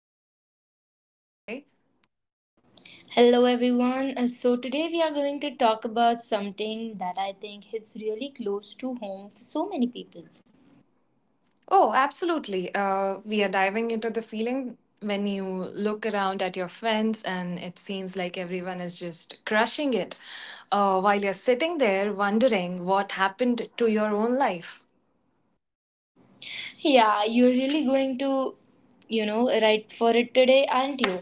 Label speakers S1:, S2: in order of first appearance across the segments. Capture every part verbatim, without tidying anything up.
S1: have Ashna with me here today.
S2: Hello everyone. Uh, So today we are going to talk about something that I think hits really close to home for so many people.
S1: Oh, absolutely. Uh, we are diving into the feeling when you look around at your friends, and it seems like everyone is just crushing it uh, while you're sitting there wondering what happened to your own life.
S2: Yeah, you're really going to, you know, write for it today, aren't you?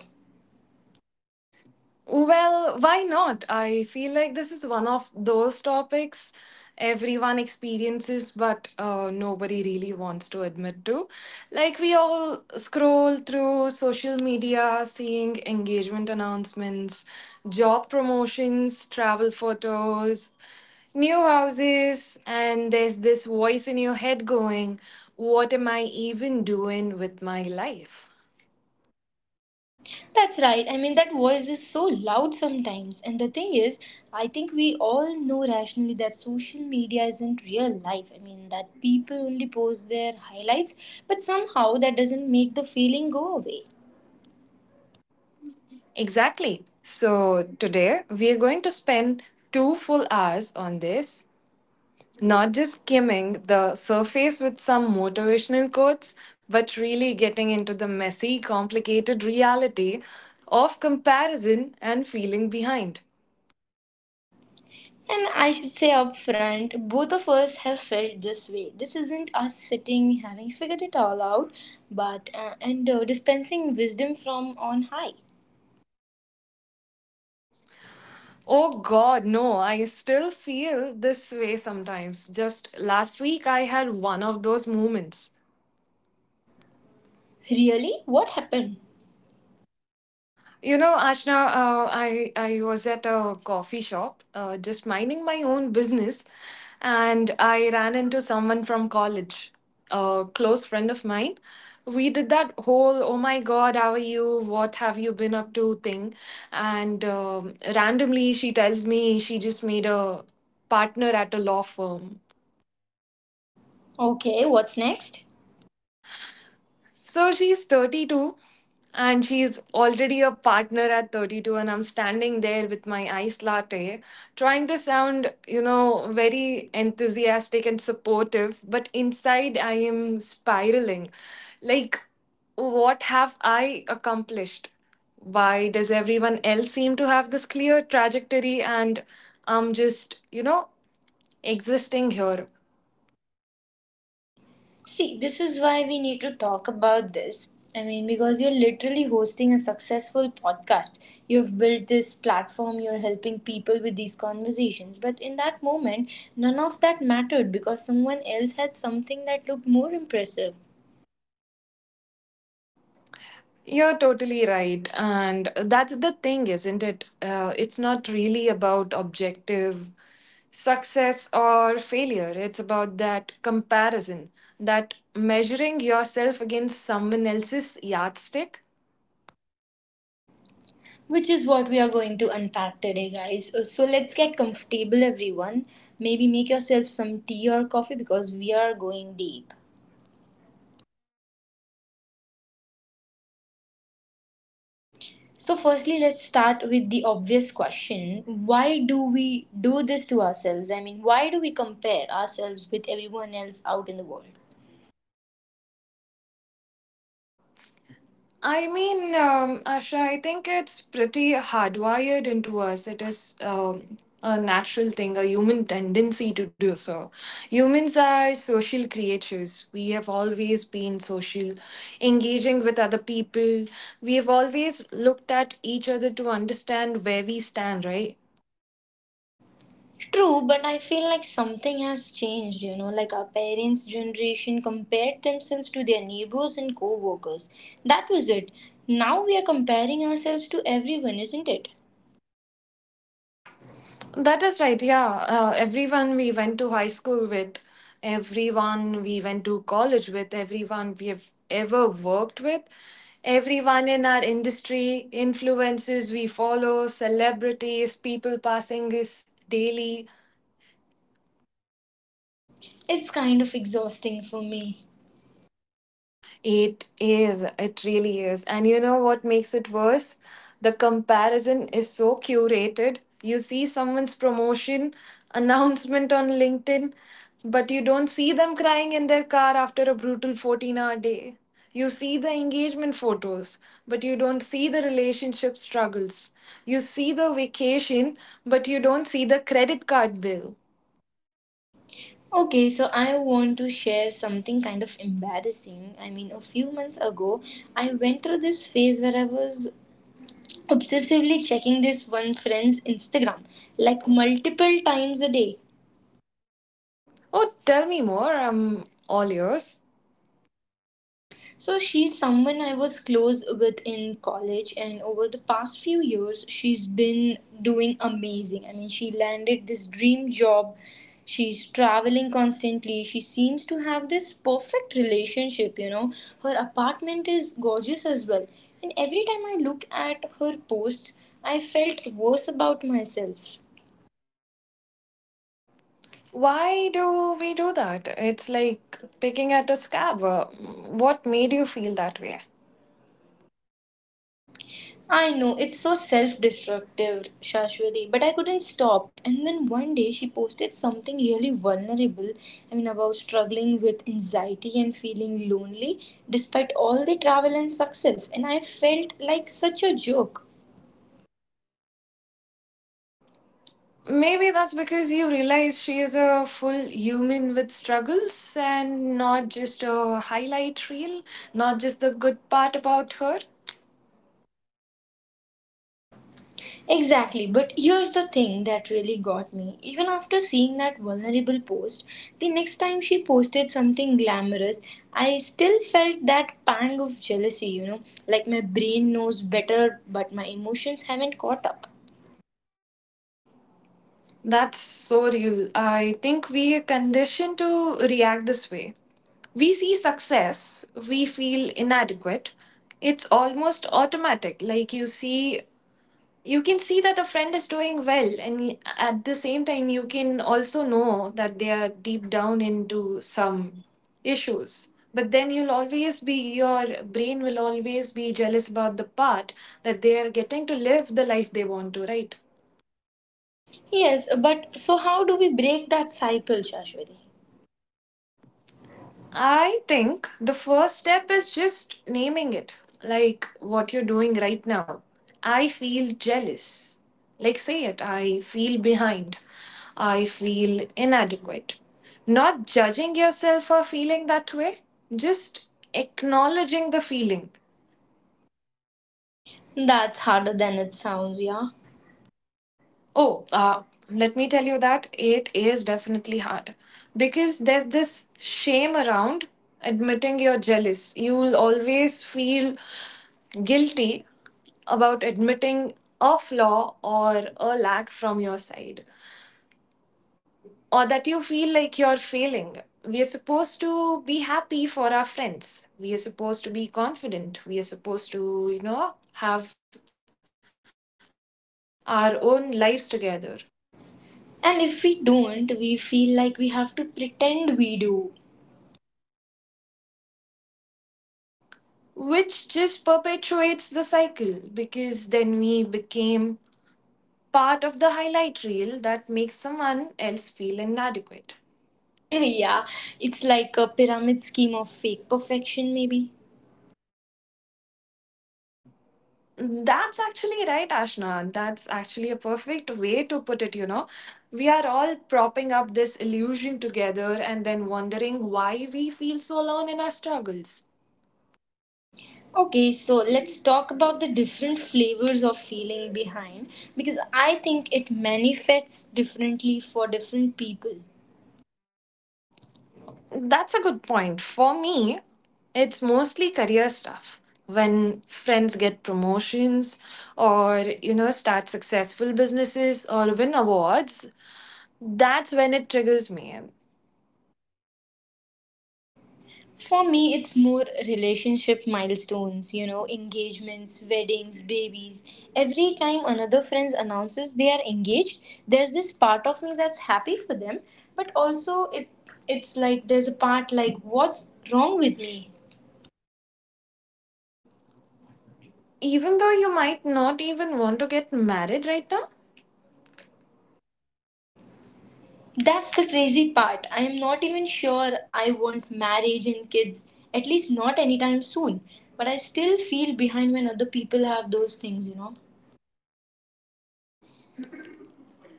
S1: Well, why not? I feel like this is one of those topics everyone experiences, but uh, nobody really wants to admit to. Like, we all scroll through social media, seeing engagement announcements, job promotions, travel photos, new houses, and there's this voice in your head going, what am I even doing with my life?
S2: That's right. I mean, that voice is so loud sometimes. And the thing is, I think we all know rationally that social media isn't real life. I mean, that people only post their highlights, but somehow that doesn't make the feeling go away.
S1: Exactly. So, today we are going to spend two full hours on this, not just skimming the surface with some motivational quotes, but really getting into the messy, complicated reality of comparison and feeling behind.
S2: And I should say up front, both of us have felt this way. This isn't us sitting having figured it all out, but uh, and uh, dispensing wisdom from on high.
S1: Oh god, no, I still feel this way sometimes. Just last week I had one of those moments.
S2: Really? What happened?
S1: You know, Ashna, uh, I I was at a coffee shop, uh, just minding my own business, and I ran into someone from college, a close friend of mine. We did that whole, "Oh my God, how are you? What have you been up to?" thing, and um randomly she tells me she just made a partner at a law firm.
S2: Okay, what's next?
S1: So she's thirty-two, and she's already a partner at thirty-two, and I'm standing there with my iced latte trying to sound, you know, very enthusiastic and supportive, but inside I am spiraling. Like, what have I accomplished? Why does everyone else seem to have this clear trajectory, and I'm just, you know, existing here?
S2: See, this is why we need to talk about this. I mean, because you're literally hosting a successful podcast. You've built this platform, you're helping people with these conversations. But in that moment, none of that mattered because someone else had something that looked more impressive.
S1: You're totally right. And that's the thing, isn't it? Uh, it's not really about objective success or failure. It's about that comparison, that measuring yourself against someone else's yardstick.
S2: Which is what we are going to unpack today, guys. Uh, So let's get comfortable, everyone. Maybe make yourself some tea or coffee because we are going deep. So, firstly, let's start with the obvious question: why do we do this to ourselves? I mean, why do we compare ourselves with everyone else out in the world?
S1: I mean, um, Asha, I think it's pretty hardwired into us. It is um, a natural thing, a human tendency to do so. Humans are social creatures. We have always been social, engaging with other people. We have always looked at each other to understand where we stand, right?
S2: True, but I feel like something has changed, you know, like our parents' generation compared themselves to their neighbors and co workers. That was it. Now we are comparing ourselves to everyone, isn't it?
S1: That is right. Yeah. Uh, everyone we went to high school with, everyone we went to college with, everyone we have ever worked with, everyone in our industry, influences we follow, celebrities, people passing us daily.
S2: It's kind of exhausting for me.
S1: It is. It really is. And you know what makes it worse? The comparison is so curated. You see someone's promotion announcement on LinkedIn, but you don't see them crying in their car after a brutal fourteen-hour day. You see the engagement photos, but you don't see the relationship struggles. You see the vacation, but you don't see the credit card bill.
S2: Okay, so I want to share something kind of embarrassing. I mean, a few months ago, I went through this phase where I was obsessively checking this one friend's Instagram like multiple times a day.
S1: Oh, tell me more. I'm all yours.
S2: So she's someone I was close with in college, and over the past few years, she's been doing amazing. I mean, she landed this dream job. She's traveling constantly. She seems to have this perfect relationship, you know. Her apartment is gorgeous as well. And every time I looked at her posts, I felt worse about myself.
S1: Why do we do that? It's like picking at a scab. Uh, What made you feel that way?
S2: I know, it's so self destructive, Shashwati, but I couldn't stop. And then one day she posted something really vulnerable, I mean, about struggling with anxiety and feeling lonely despite all the travel and success. And I felt like such a joke.
S1: Maybe that's because you realize she is a full human with struggles and not just a highlight reel, not just the good part about her.
S2: Exactly, but here's the thing that really got me. Even after seeing that vulnerable post, the next time she posted something glamorous, I still felt that pang of jealousy, you know, like my brain knows better, but my emotions haven't caught up.
S1: That's so real. I think we are conditioned to react this way. We see success, we feel inadequate. It's almost automatic. Like, you see, you can see that a friend is doing well, and y- at the same time you can also know that they are deep down into some issues, but then you'll always be your brain will always be jealous about the part that they are getting to live the life they want to, right?
S2: Yes, but so how do we break that cycle, Shashwati?
S1: I think the first step is just naming it, like what you're doing right now. I feel jealous. Like, say it. I feel behind. I feel inadequate. Not judging yourself for feeling that way, just acknowledging the feeling.
S2: That's harder than it sounds, yeah.
S1: Oh, uh, let me tell you that it is definitely hard because there's this shame around admitting you're jealous. You'll always feel guilty about admitting a flaw or a lack from your side, or that you feel like you're failing. We are supposed to be happy for our friends. We are supposed to be confident. We are supposed to, you know, have our own lives together.
S2: And if we don't, we feel like we have to pretend we do.
S1: Which just perpetuates the cycle, because then we became part of the highlight reel that makes someone else feel inadequate.
S2: Yeah, it's like a pyramid scheme of fake perfection, maybe.
S1: That's actually right, Ashna. That's actually a perfect way to put it, you know. We are all propping up this illusion together and then wondering why we feel so alone in our struggles.
S2: Okay, so let's talk about the different flavors of feeling behind because I think it manifests differently for different people.
S1: That's a good point. For me, it's mostly career stuff. When friends get promotions or, you know, start successful businesses or win awards, that's when it triggers me.
S2: For me, it's more relationship milestones, you know, engagements, weddings, babies. Every time another friend announces they are engaged, there's this part of me that's happy for them, but also it it's like there's a part like what's wrong with me.
S1: Even though you might not even want to get married right now,
S2: That's the crazy part. I am not even sure I want marriage and kids, at least not anytime soon. But I still feel behind when other people have those things, you know.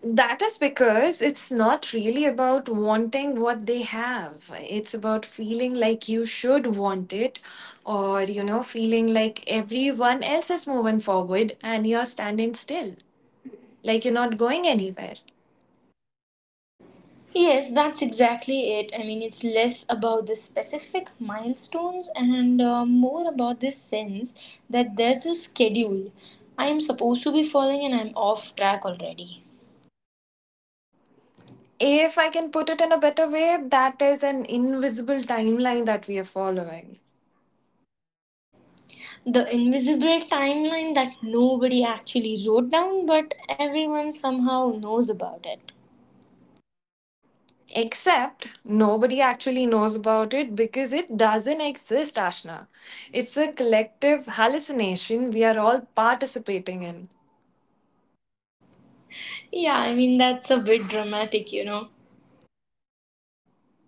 S1: that is because it's not really about wanting what they have. It's about feeling like you should want it, or, you know, feeling like everyone else is moving forward and you're standing still. Like, you're not going anywhere.
S2: Yes, that's exactly it. I mean, it's less about the specific milestones and uh, more about this sense that there's a schedule I am supposed to be following and I'm off track already.
S1: If I can put it in a better way, that is an invisible timeline that we are following.
S2: The invisible timeline that nobody actually wrote down, but everyone somehow knows about it.
S1: Except nobody actually knows about it because it doesn't exist, Ashna. It's a collective hallucination we are all participating in.
S2: Yeah, I mean, that's a bit dramatic, you know.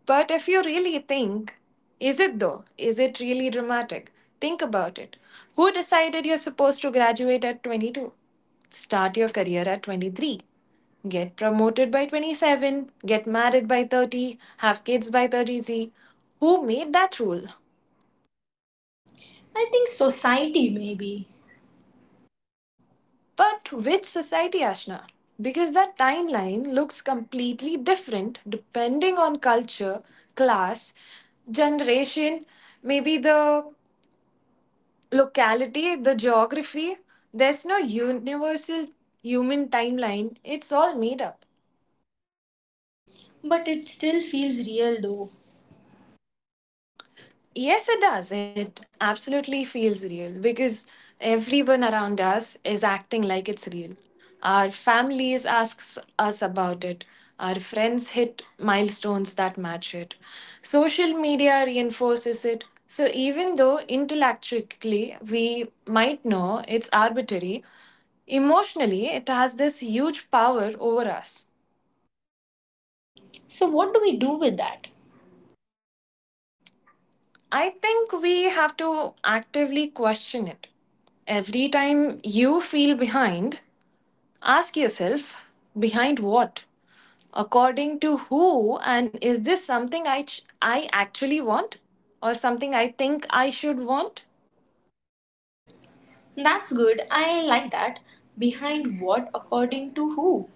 S1: But if you really think, is it though? Is it really dramatic? Think about it. Who decided you're supposed to graduate at twenty-two? Start your career at twenty-three. Get promoted by twenty-seven, get married by thirty, have kids by thirty-three. Who made that rule?
S2: I think society, maybe.
S1: But which society, Ashna? Because that timeline looks completely different depending on culture, class, generation, maybe the locality, the geography, there's no universal human timeline. It's all made up.
S2: But it still feels real, though.
S1: Yes, it does. It absolutely feels real because everyone around us is acting like it's real. Our families asks us about it. Our friends hit milestones that match it. Social media reinforces it. So even though intellectually we might know it's arbitrary, emotionally it has this huge power over us.
S2: So, what do we do with that?
S1: I think we have to actively question it. Every time you feel behind, ask yourself, behind what? According to who? And is this something I, ch- I actually want, or something I think I should want?
S2: That's good. I like that. Behind what, according to who?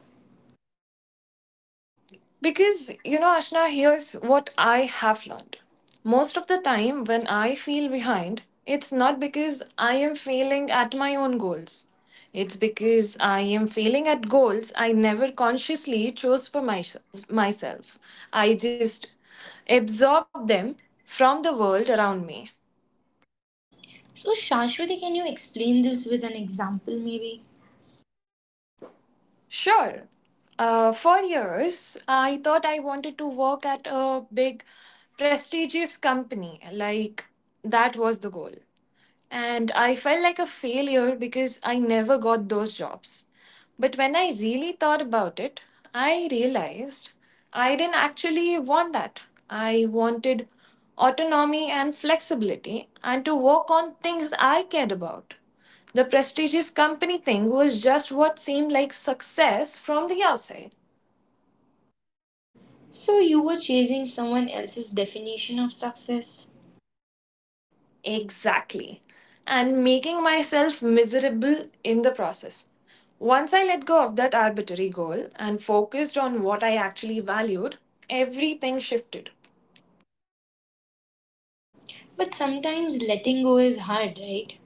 S1: Because, you know, Ashna, here's what I have learned. Most of the time, when I feel behind, it's not because I am failing at my own goals. It's because I am failing at goals I never consciously chose for myself. myself. I just absorb them from the world around me.
S2: So, Shashwati, can you explain this with an example, maybe?
S1: Sure, uh, for years, I thought I wanted to work at a big, prestigious company. Like, that was the goal. And I felt like a failure because I never got those jobs. But when I really thought about it, I realized I didn't actually want that. I wanted autonomy and flexibility and to work on things I cared about. The prestigious company thing was just what seemed like success from the outside.
S2: So, you were chasing someone else's definition of success.
S1: Exactly. And making myself miserable in the process. Once I let go of that arbitrary goal and focused on what I actually valued, everything shifted.
S2: But sometimes letting go is hard, right?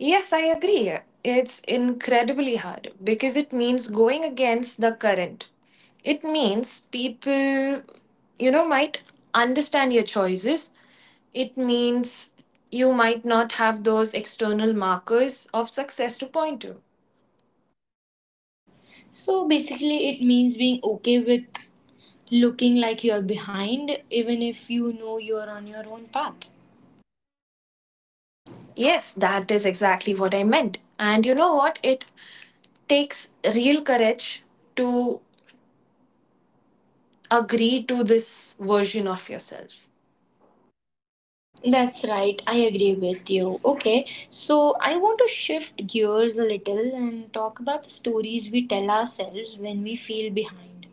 S1: Yes, I agree. It's incredibly hard because it means going against the current. It means people, you know, might understand your choices. It means you might not have those external markers of success to point to.
S2: So, basically, it means being okay with looking like you're behind, even if you know you're on your own path.
S1: Yes, that is exactly what I meant. And you know what? It takes real courage to agree to this version of yourself.
S2: That's right, I agree with you. Okay, so I want to shift gears a little and talk about the stories we tell ourselves when we feel behind.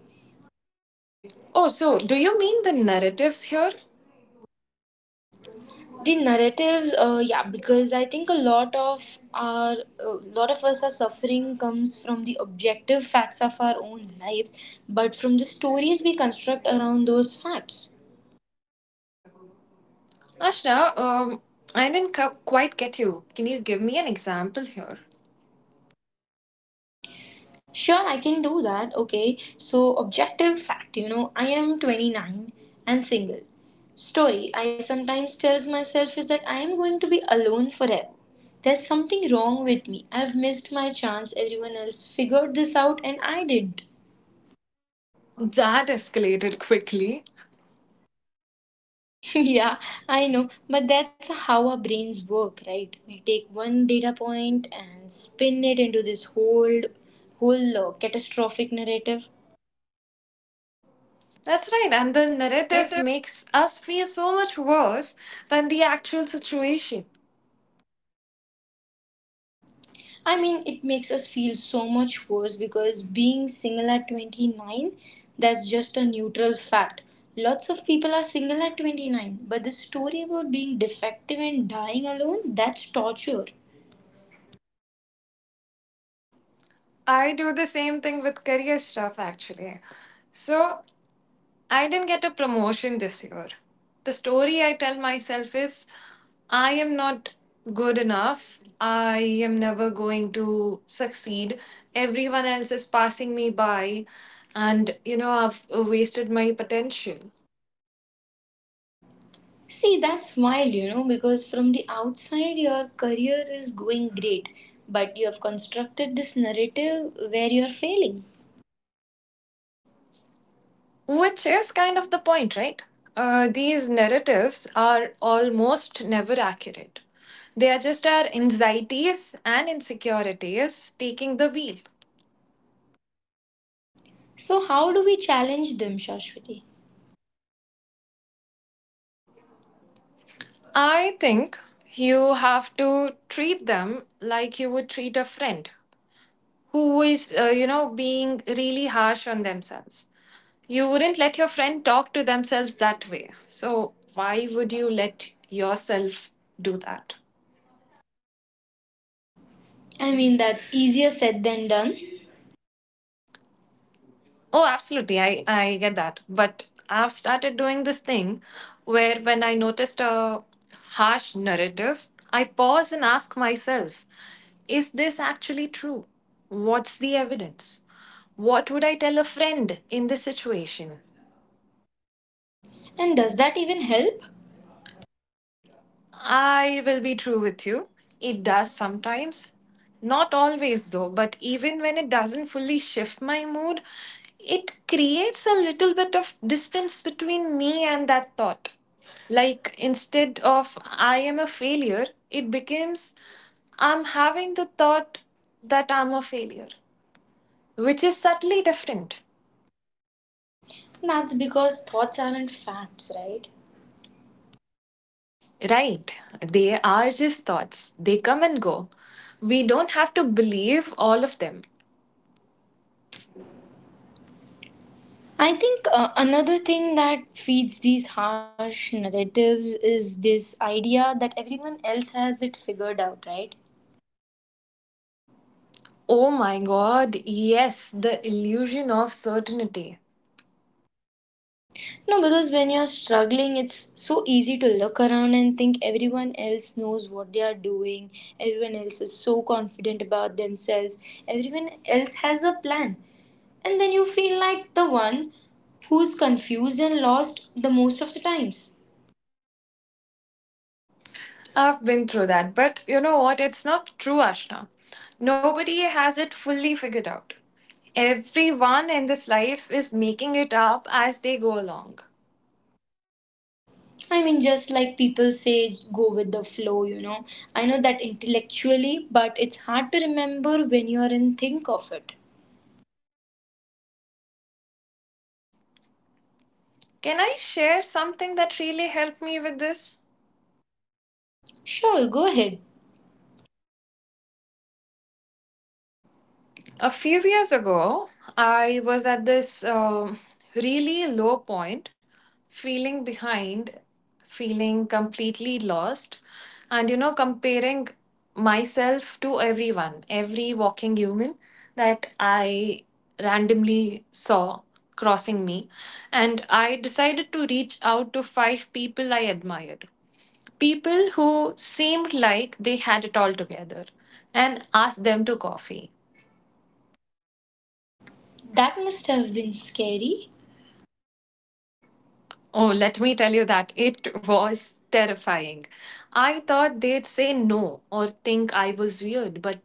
S1: Oh, so do you mean the narratives here?
S2: The narratives, uh, yeah, because I think a lot of our, a lot of us are suffering comes from the objective facts of our own lives, but from the stories we construct around those facts.
S1: Ashna, um, I didn't cu- quite get you. Can you give me an example here?
S2: Sure, I can do that. Okay, so objective fact, you know, I am twenty-nine and single. Story I sometimes tells myself is that I am going to be alone forever. There's something wrong with me. I've missed my chance. Everyone else figured this out and I didn't.
S1: That escalated quickly.
S2: Yeah, I know, but that's how our brains work, right? We take one data point and spin it into this whole whole uh, catastrophic narrative.
S1: That's right, and the
S2: The
S1: narrative
S2: narrative
S1: makes us feel so much worse than the actual situation.
S2: I mean, it makes us feel so much worse because being single at twenty-nine, that's just a neutral fact. Lots of people are single at twenty-nine, but the story about being defective and dying alone, that's torture.
S1: I do the same thing with career stuff actually. So I didn't get a promotion this year. The story I tell myself is I am not good enough. I am never going to succeed. Everyone else is passing me by. And, you know, I've wasted my potential.
S2: See, that's wild, you know, because from the outside, your career is going great, but you have constructed this narrative where you're failing.
S1: Which is kind of the point, right? Uh, these narratives are almost never accurate. They are just our anxieties and insecurities taking the wheel.
S2: So, how do we challenge them, Shashwati?
S1: I think you have to treat them like you would treat a friend who is, uh, you know, being really harsh on themselves. You wouldn't let your friend talk to themselves that way. So, why would you let yourself do that?
S2: I mean, that's easier said than done.
S1: Oh, absolutely. I, I get that. But I've started doing this thing where when I noticed a harsh narrative, I pause and ask myself, is this actually true? What's the evidence? What would I tell a friend in this situation?
S2: And does that even help?
S1: I will be true with you. It does sometimes. Not always, though, but even when it doesn't fully shift my mood, it creates a little bit of distance between me and that thought. Like, instead of I am a failure, it becomes I'm having the thought that I'm a failure, which is subtly different.
S2: That's because thoughts aren't facts, right?
S1: Right. They are just thoughts. They come and go. We don't have to believe all of them.
S2: I think uh, another thing that feeds these harsh narratives is this idea that everyone else has it figured out, right?
S1: Oh my god, yes, the illusion of certainty.
S2: No, because when you're struggling, it's so easy to look around and think everyone else knows what they are doing, everyone else is so confident about themselves, everyone else has a plan. And then you feel like the one who's confused and lost the most of the times.
S1: I've been through that, but you know what? It's not true, Ashna. Nobody has it fully figured out. Everyone in this life is making it up as they go along.
S2: I mean, just like people say, go with the flow, you know. I know that intellectually, but it's hard to remember when you're in think of it.
S1: Can I share something that really helped me with this?
S2: Sure, go ahead.
S1: A few years ago, I was at this um really low point, feeling behind, feeling completely lost, and you know, comparing myself to everyone, every walking human that I randomly saw crossing me. And I decided to reach out to five people I admired, people who seemed like they had it all together, and asked them to coffee.
S2: That must have been scary.
S1: Oh, let me tell you that it was terrifying. I thought they'd say no or think I was weird, but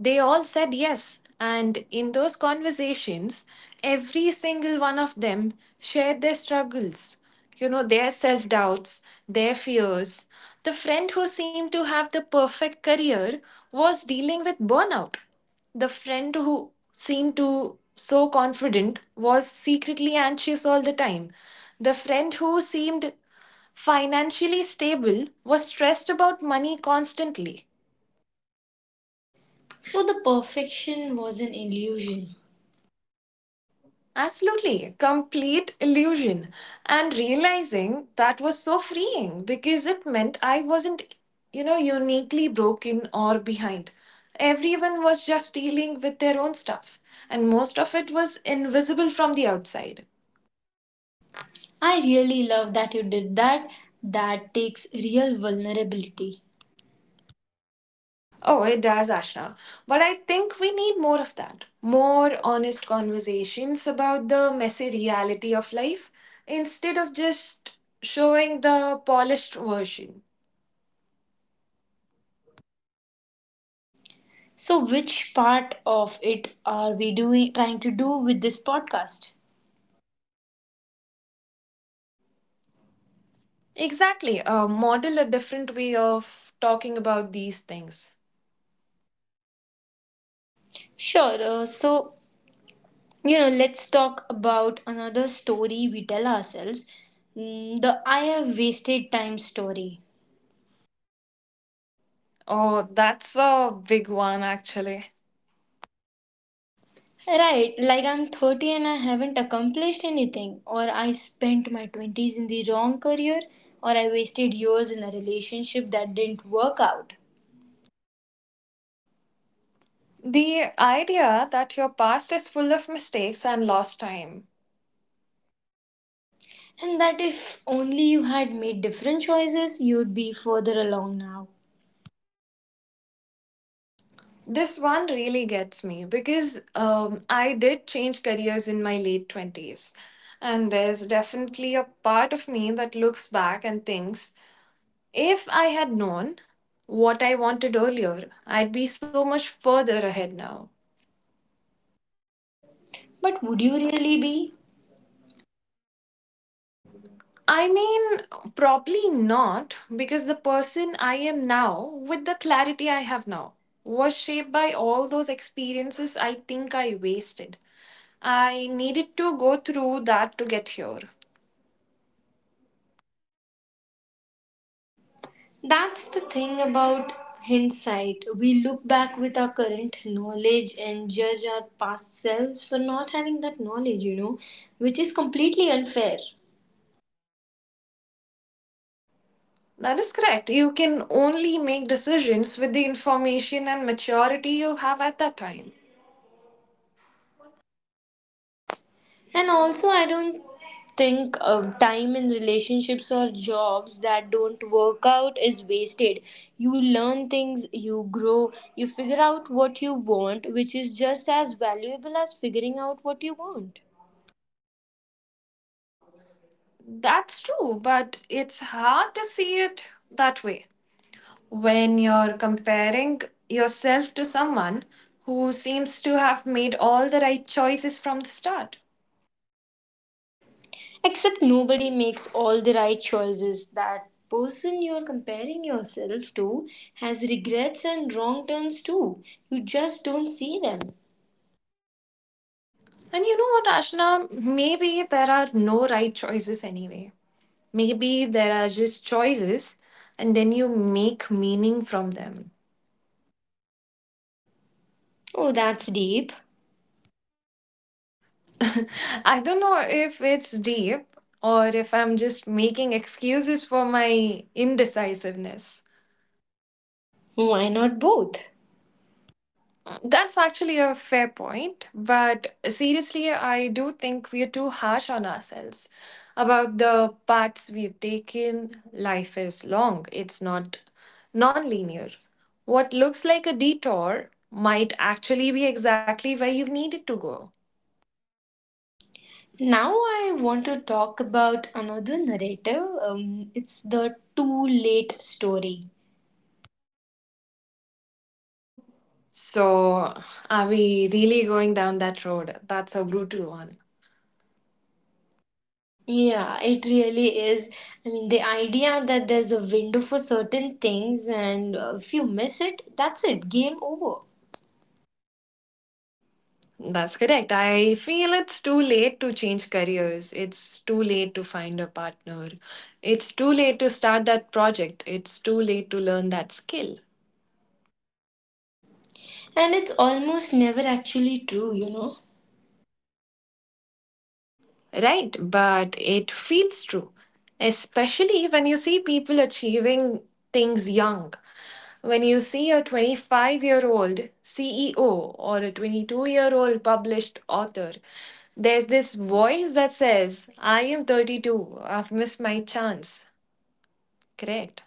S1: they all said yes. And in those conversations, every single one of them shared their struggles, you know, their self doubts, their fears. The friend who seemed to have the perfect career was dealing with burnout. The friend who seemed to so confident was secretly anxious all the time. The friend who seemed financially stable was stressed about money constantly.
S2: So the perfection was an illusion.
S1: Absolutely, complete illusion. And realizing that was so freeing because it meant I wasn't, you know, uniquely broken or behind. Everyone was just dealing with their own stuff, and most of it was invisible from the outside.
S2: I really love that you did that. That takes real vulnerability.
S1: Oh, it does, Ashna. But I think we need more of that. More honest conversations about the messy reality of life instead of just showing the polished version.
S2: So which part of it are we doing trying to do with this podcast?
S1: Exactly. Uh, model a different way of talking about these things.
S2: Sure. Uh, so you know, let's talk about another story we tell ourselves. Mm, the I have wasted time story,
S1: Oh, that's a big one, actually.
S2: right? Like I'm thirty and I haven't accomplished anything, or I spent my twenties in the wrong career, or I wasted years in a relationship that didn't work out,
S1: The idea that your past is full of mistakes and lost time.
S2: and that if only you had made different choices you'd be further along now.
S1: This one really gets me because um, I did change careers in my late twenties. And there's definitely a part of me that looks back and thinks, if I had known what I wanted earlier, I'd be so much further ahead now.
S2: But would you really be?
S1: I mean, probably not, because the person I am now, with the clarity I have now, was shaped by all those experiences I think I wasted. I needed to go through that to get here.
S2: That's the thing about hindsight. We look back with our current knowledge and judge our past selves for not having that knowledge, you know, which is completely unfair.
S1: That is correct. You can only make decisions with the information and maturity you have at that time.
S2: And also, I don't think uh, time in relationships or jobs that don't work out is wasted. You learn things, you grow, you figure out what you want, which is just as valuable as figuring out what you want.
S1: That's true, but it's hard to see it that way when you're comparing yourself to someone who seems to have made all the right choices from the start.
S2: Except nobody makes all the right choices. That person you're comparing yourself to has regrets and wrong turns too. You just don't see them.
S1: And you know what, Ashna? Maybe there are no right choices anyway. Maybe there are just choices and then you make meaning from them.
S2: Oh, that's deep.
S1: I don't know if it's deep or if I'm just making excuses for my indecisiveness.
S2: Why not both?
S1: That's actually a fair point, but seriously, I do think we are too harsh on ourselves about the paths we've taken. Life is long, it's not non-linear. What looks like a detour might actually be exactly where you needed to go.
S2: Now I want to talk about another narrative. Um, it's the too late story.
S1: So, are we really going down that road? That's a brutal one.
S2: Yeah, it really is. I mean, the idea that there's a window for certain things, and uh, if you miss it, that's it, game over.
S1: That's correct. I feel it's too late to change careers. It's too late to find a partner. It's too late to start that project. It's too late to learn that skill.
S2: And it's almost never actually true, you know?
S1: Right? But it feels true, especially when you see people achieving things young. When you see a twenty-five year old C E O or a twenty-two year old published author, there's this voice that says, I am thirty-two, I've missed my chance. Correct.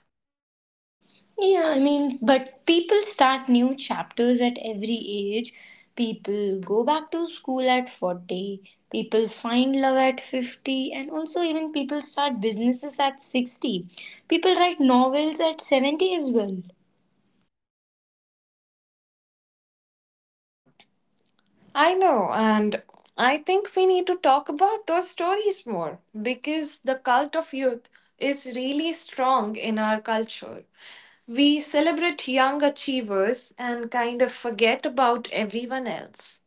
S2: Yeah, I mean, but people start new chapters at every age. People go back to school at forty. People find love at fifty. And also, even people start businesses at sixty. People write novels at seventy as well.
S1: I know, and I think we need to talk about those stories more because the cult of youth is really strong in our culture. We celebrate young achievers and kind of forget about everyone else.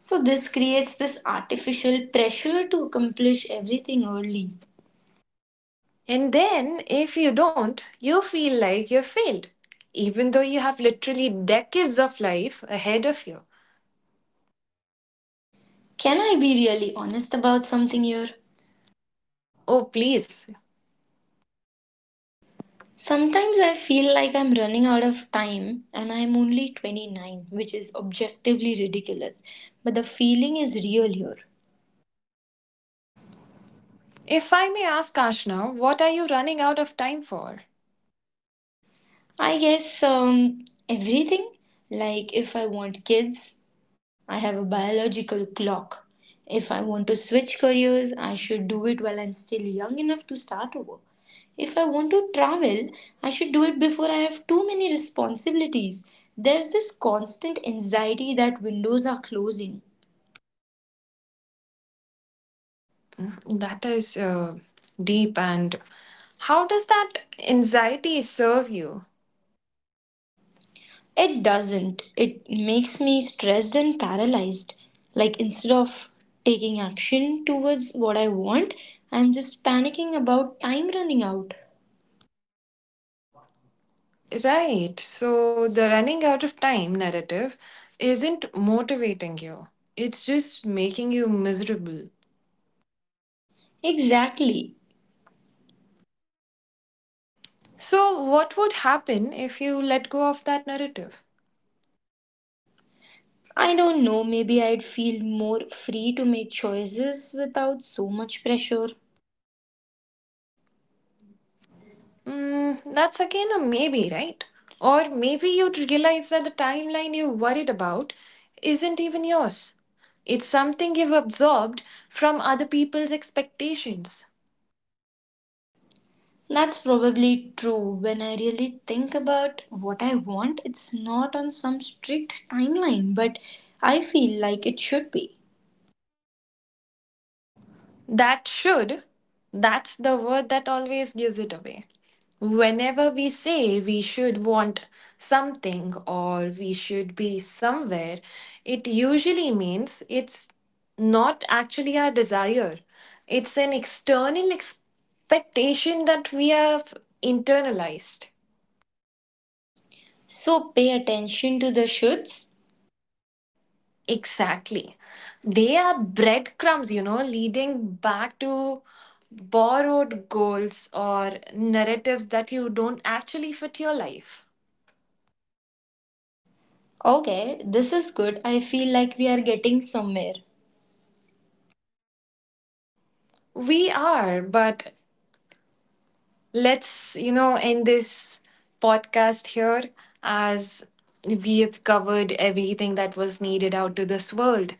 S2: So, this creates this artificial pressure to accomplish everything early.
S1: And then, if you don't, you feel like you failed, even though you have literally decades of life ahead of you.
S2: Can I be really honest about something here?
S1: Oh, please.
S2: Sometimes I feel like I'm running out of time and I'm only twenty-nine, which is objectively ridiculous. But the feeling is real here.
S1: If I may ask, Ashna, what are you running out of time for?
S2: I guess um, everything. Like if I want kids, I have a biological clock. If I want to switch careers, I should do it while I'm still young enough to start over. If I want to travel, I should do it before I have too many responsibilities. There's this constant anxiety that windows are closing.
S1: Mhm. That is uh, deep. And how does that anxiety serve you?
S2: It doesn't. It makes me stressed and paralyzed. Like instead of taking action towards what I want, I'm just panicking about time running out.
S1: Right. So the running out of time narrative isn't motivating you, it's just making you miserable.
S2: Exactly.
S1: So, what would happen if you let go of that narrative?
S2: I don't know, maybe I'd feel more free to make choices without so much pressure.
S1: Mm, that's again a maybe, right? Or maybe you'd realize that the timeline you're worried about isn't even yours. It's something you've absorbed from other people's expectations.
S2: That's probably true. When I really think about what I want, it's not on some strict timeline, but I feel like it should be.
S1: That should, that's the word that always gives it away. Whenever we say we should want something or we should be somewhere, it usually means it's not actually our desire. It's an external expectation that we have internalized.
S2: So pay attention to the shoulds.
S1: Exactly. They are breadcrumbs, you know, leading back to borrowed goals or narratives that you don't actually fit your life.
S2: Okay, this is good. I feel like we are getting somewhere.
S1: We are, but let's, you know, end this podcast here as we have covered everything that was needed out to this world.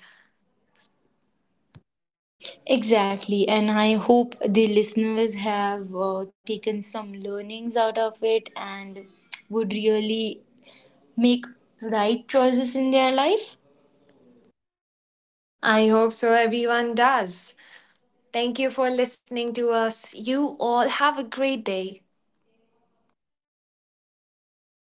S2: Exactly, and I hope the listeners have uh, taken some learnings out of it and would really make right choices in their life.
S1: I hope so, everyone does. Thank you for listening to us. You all have a great day.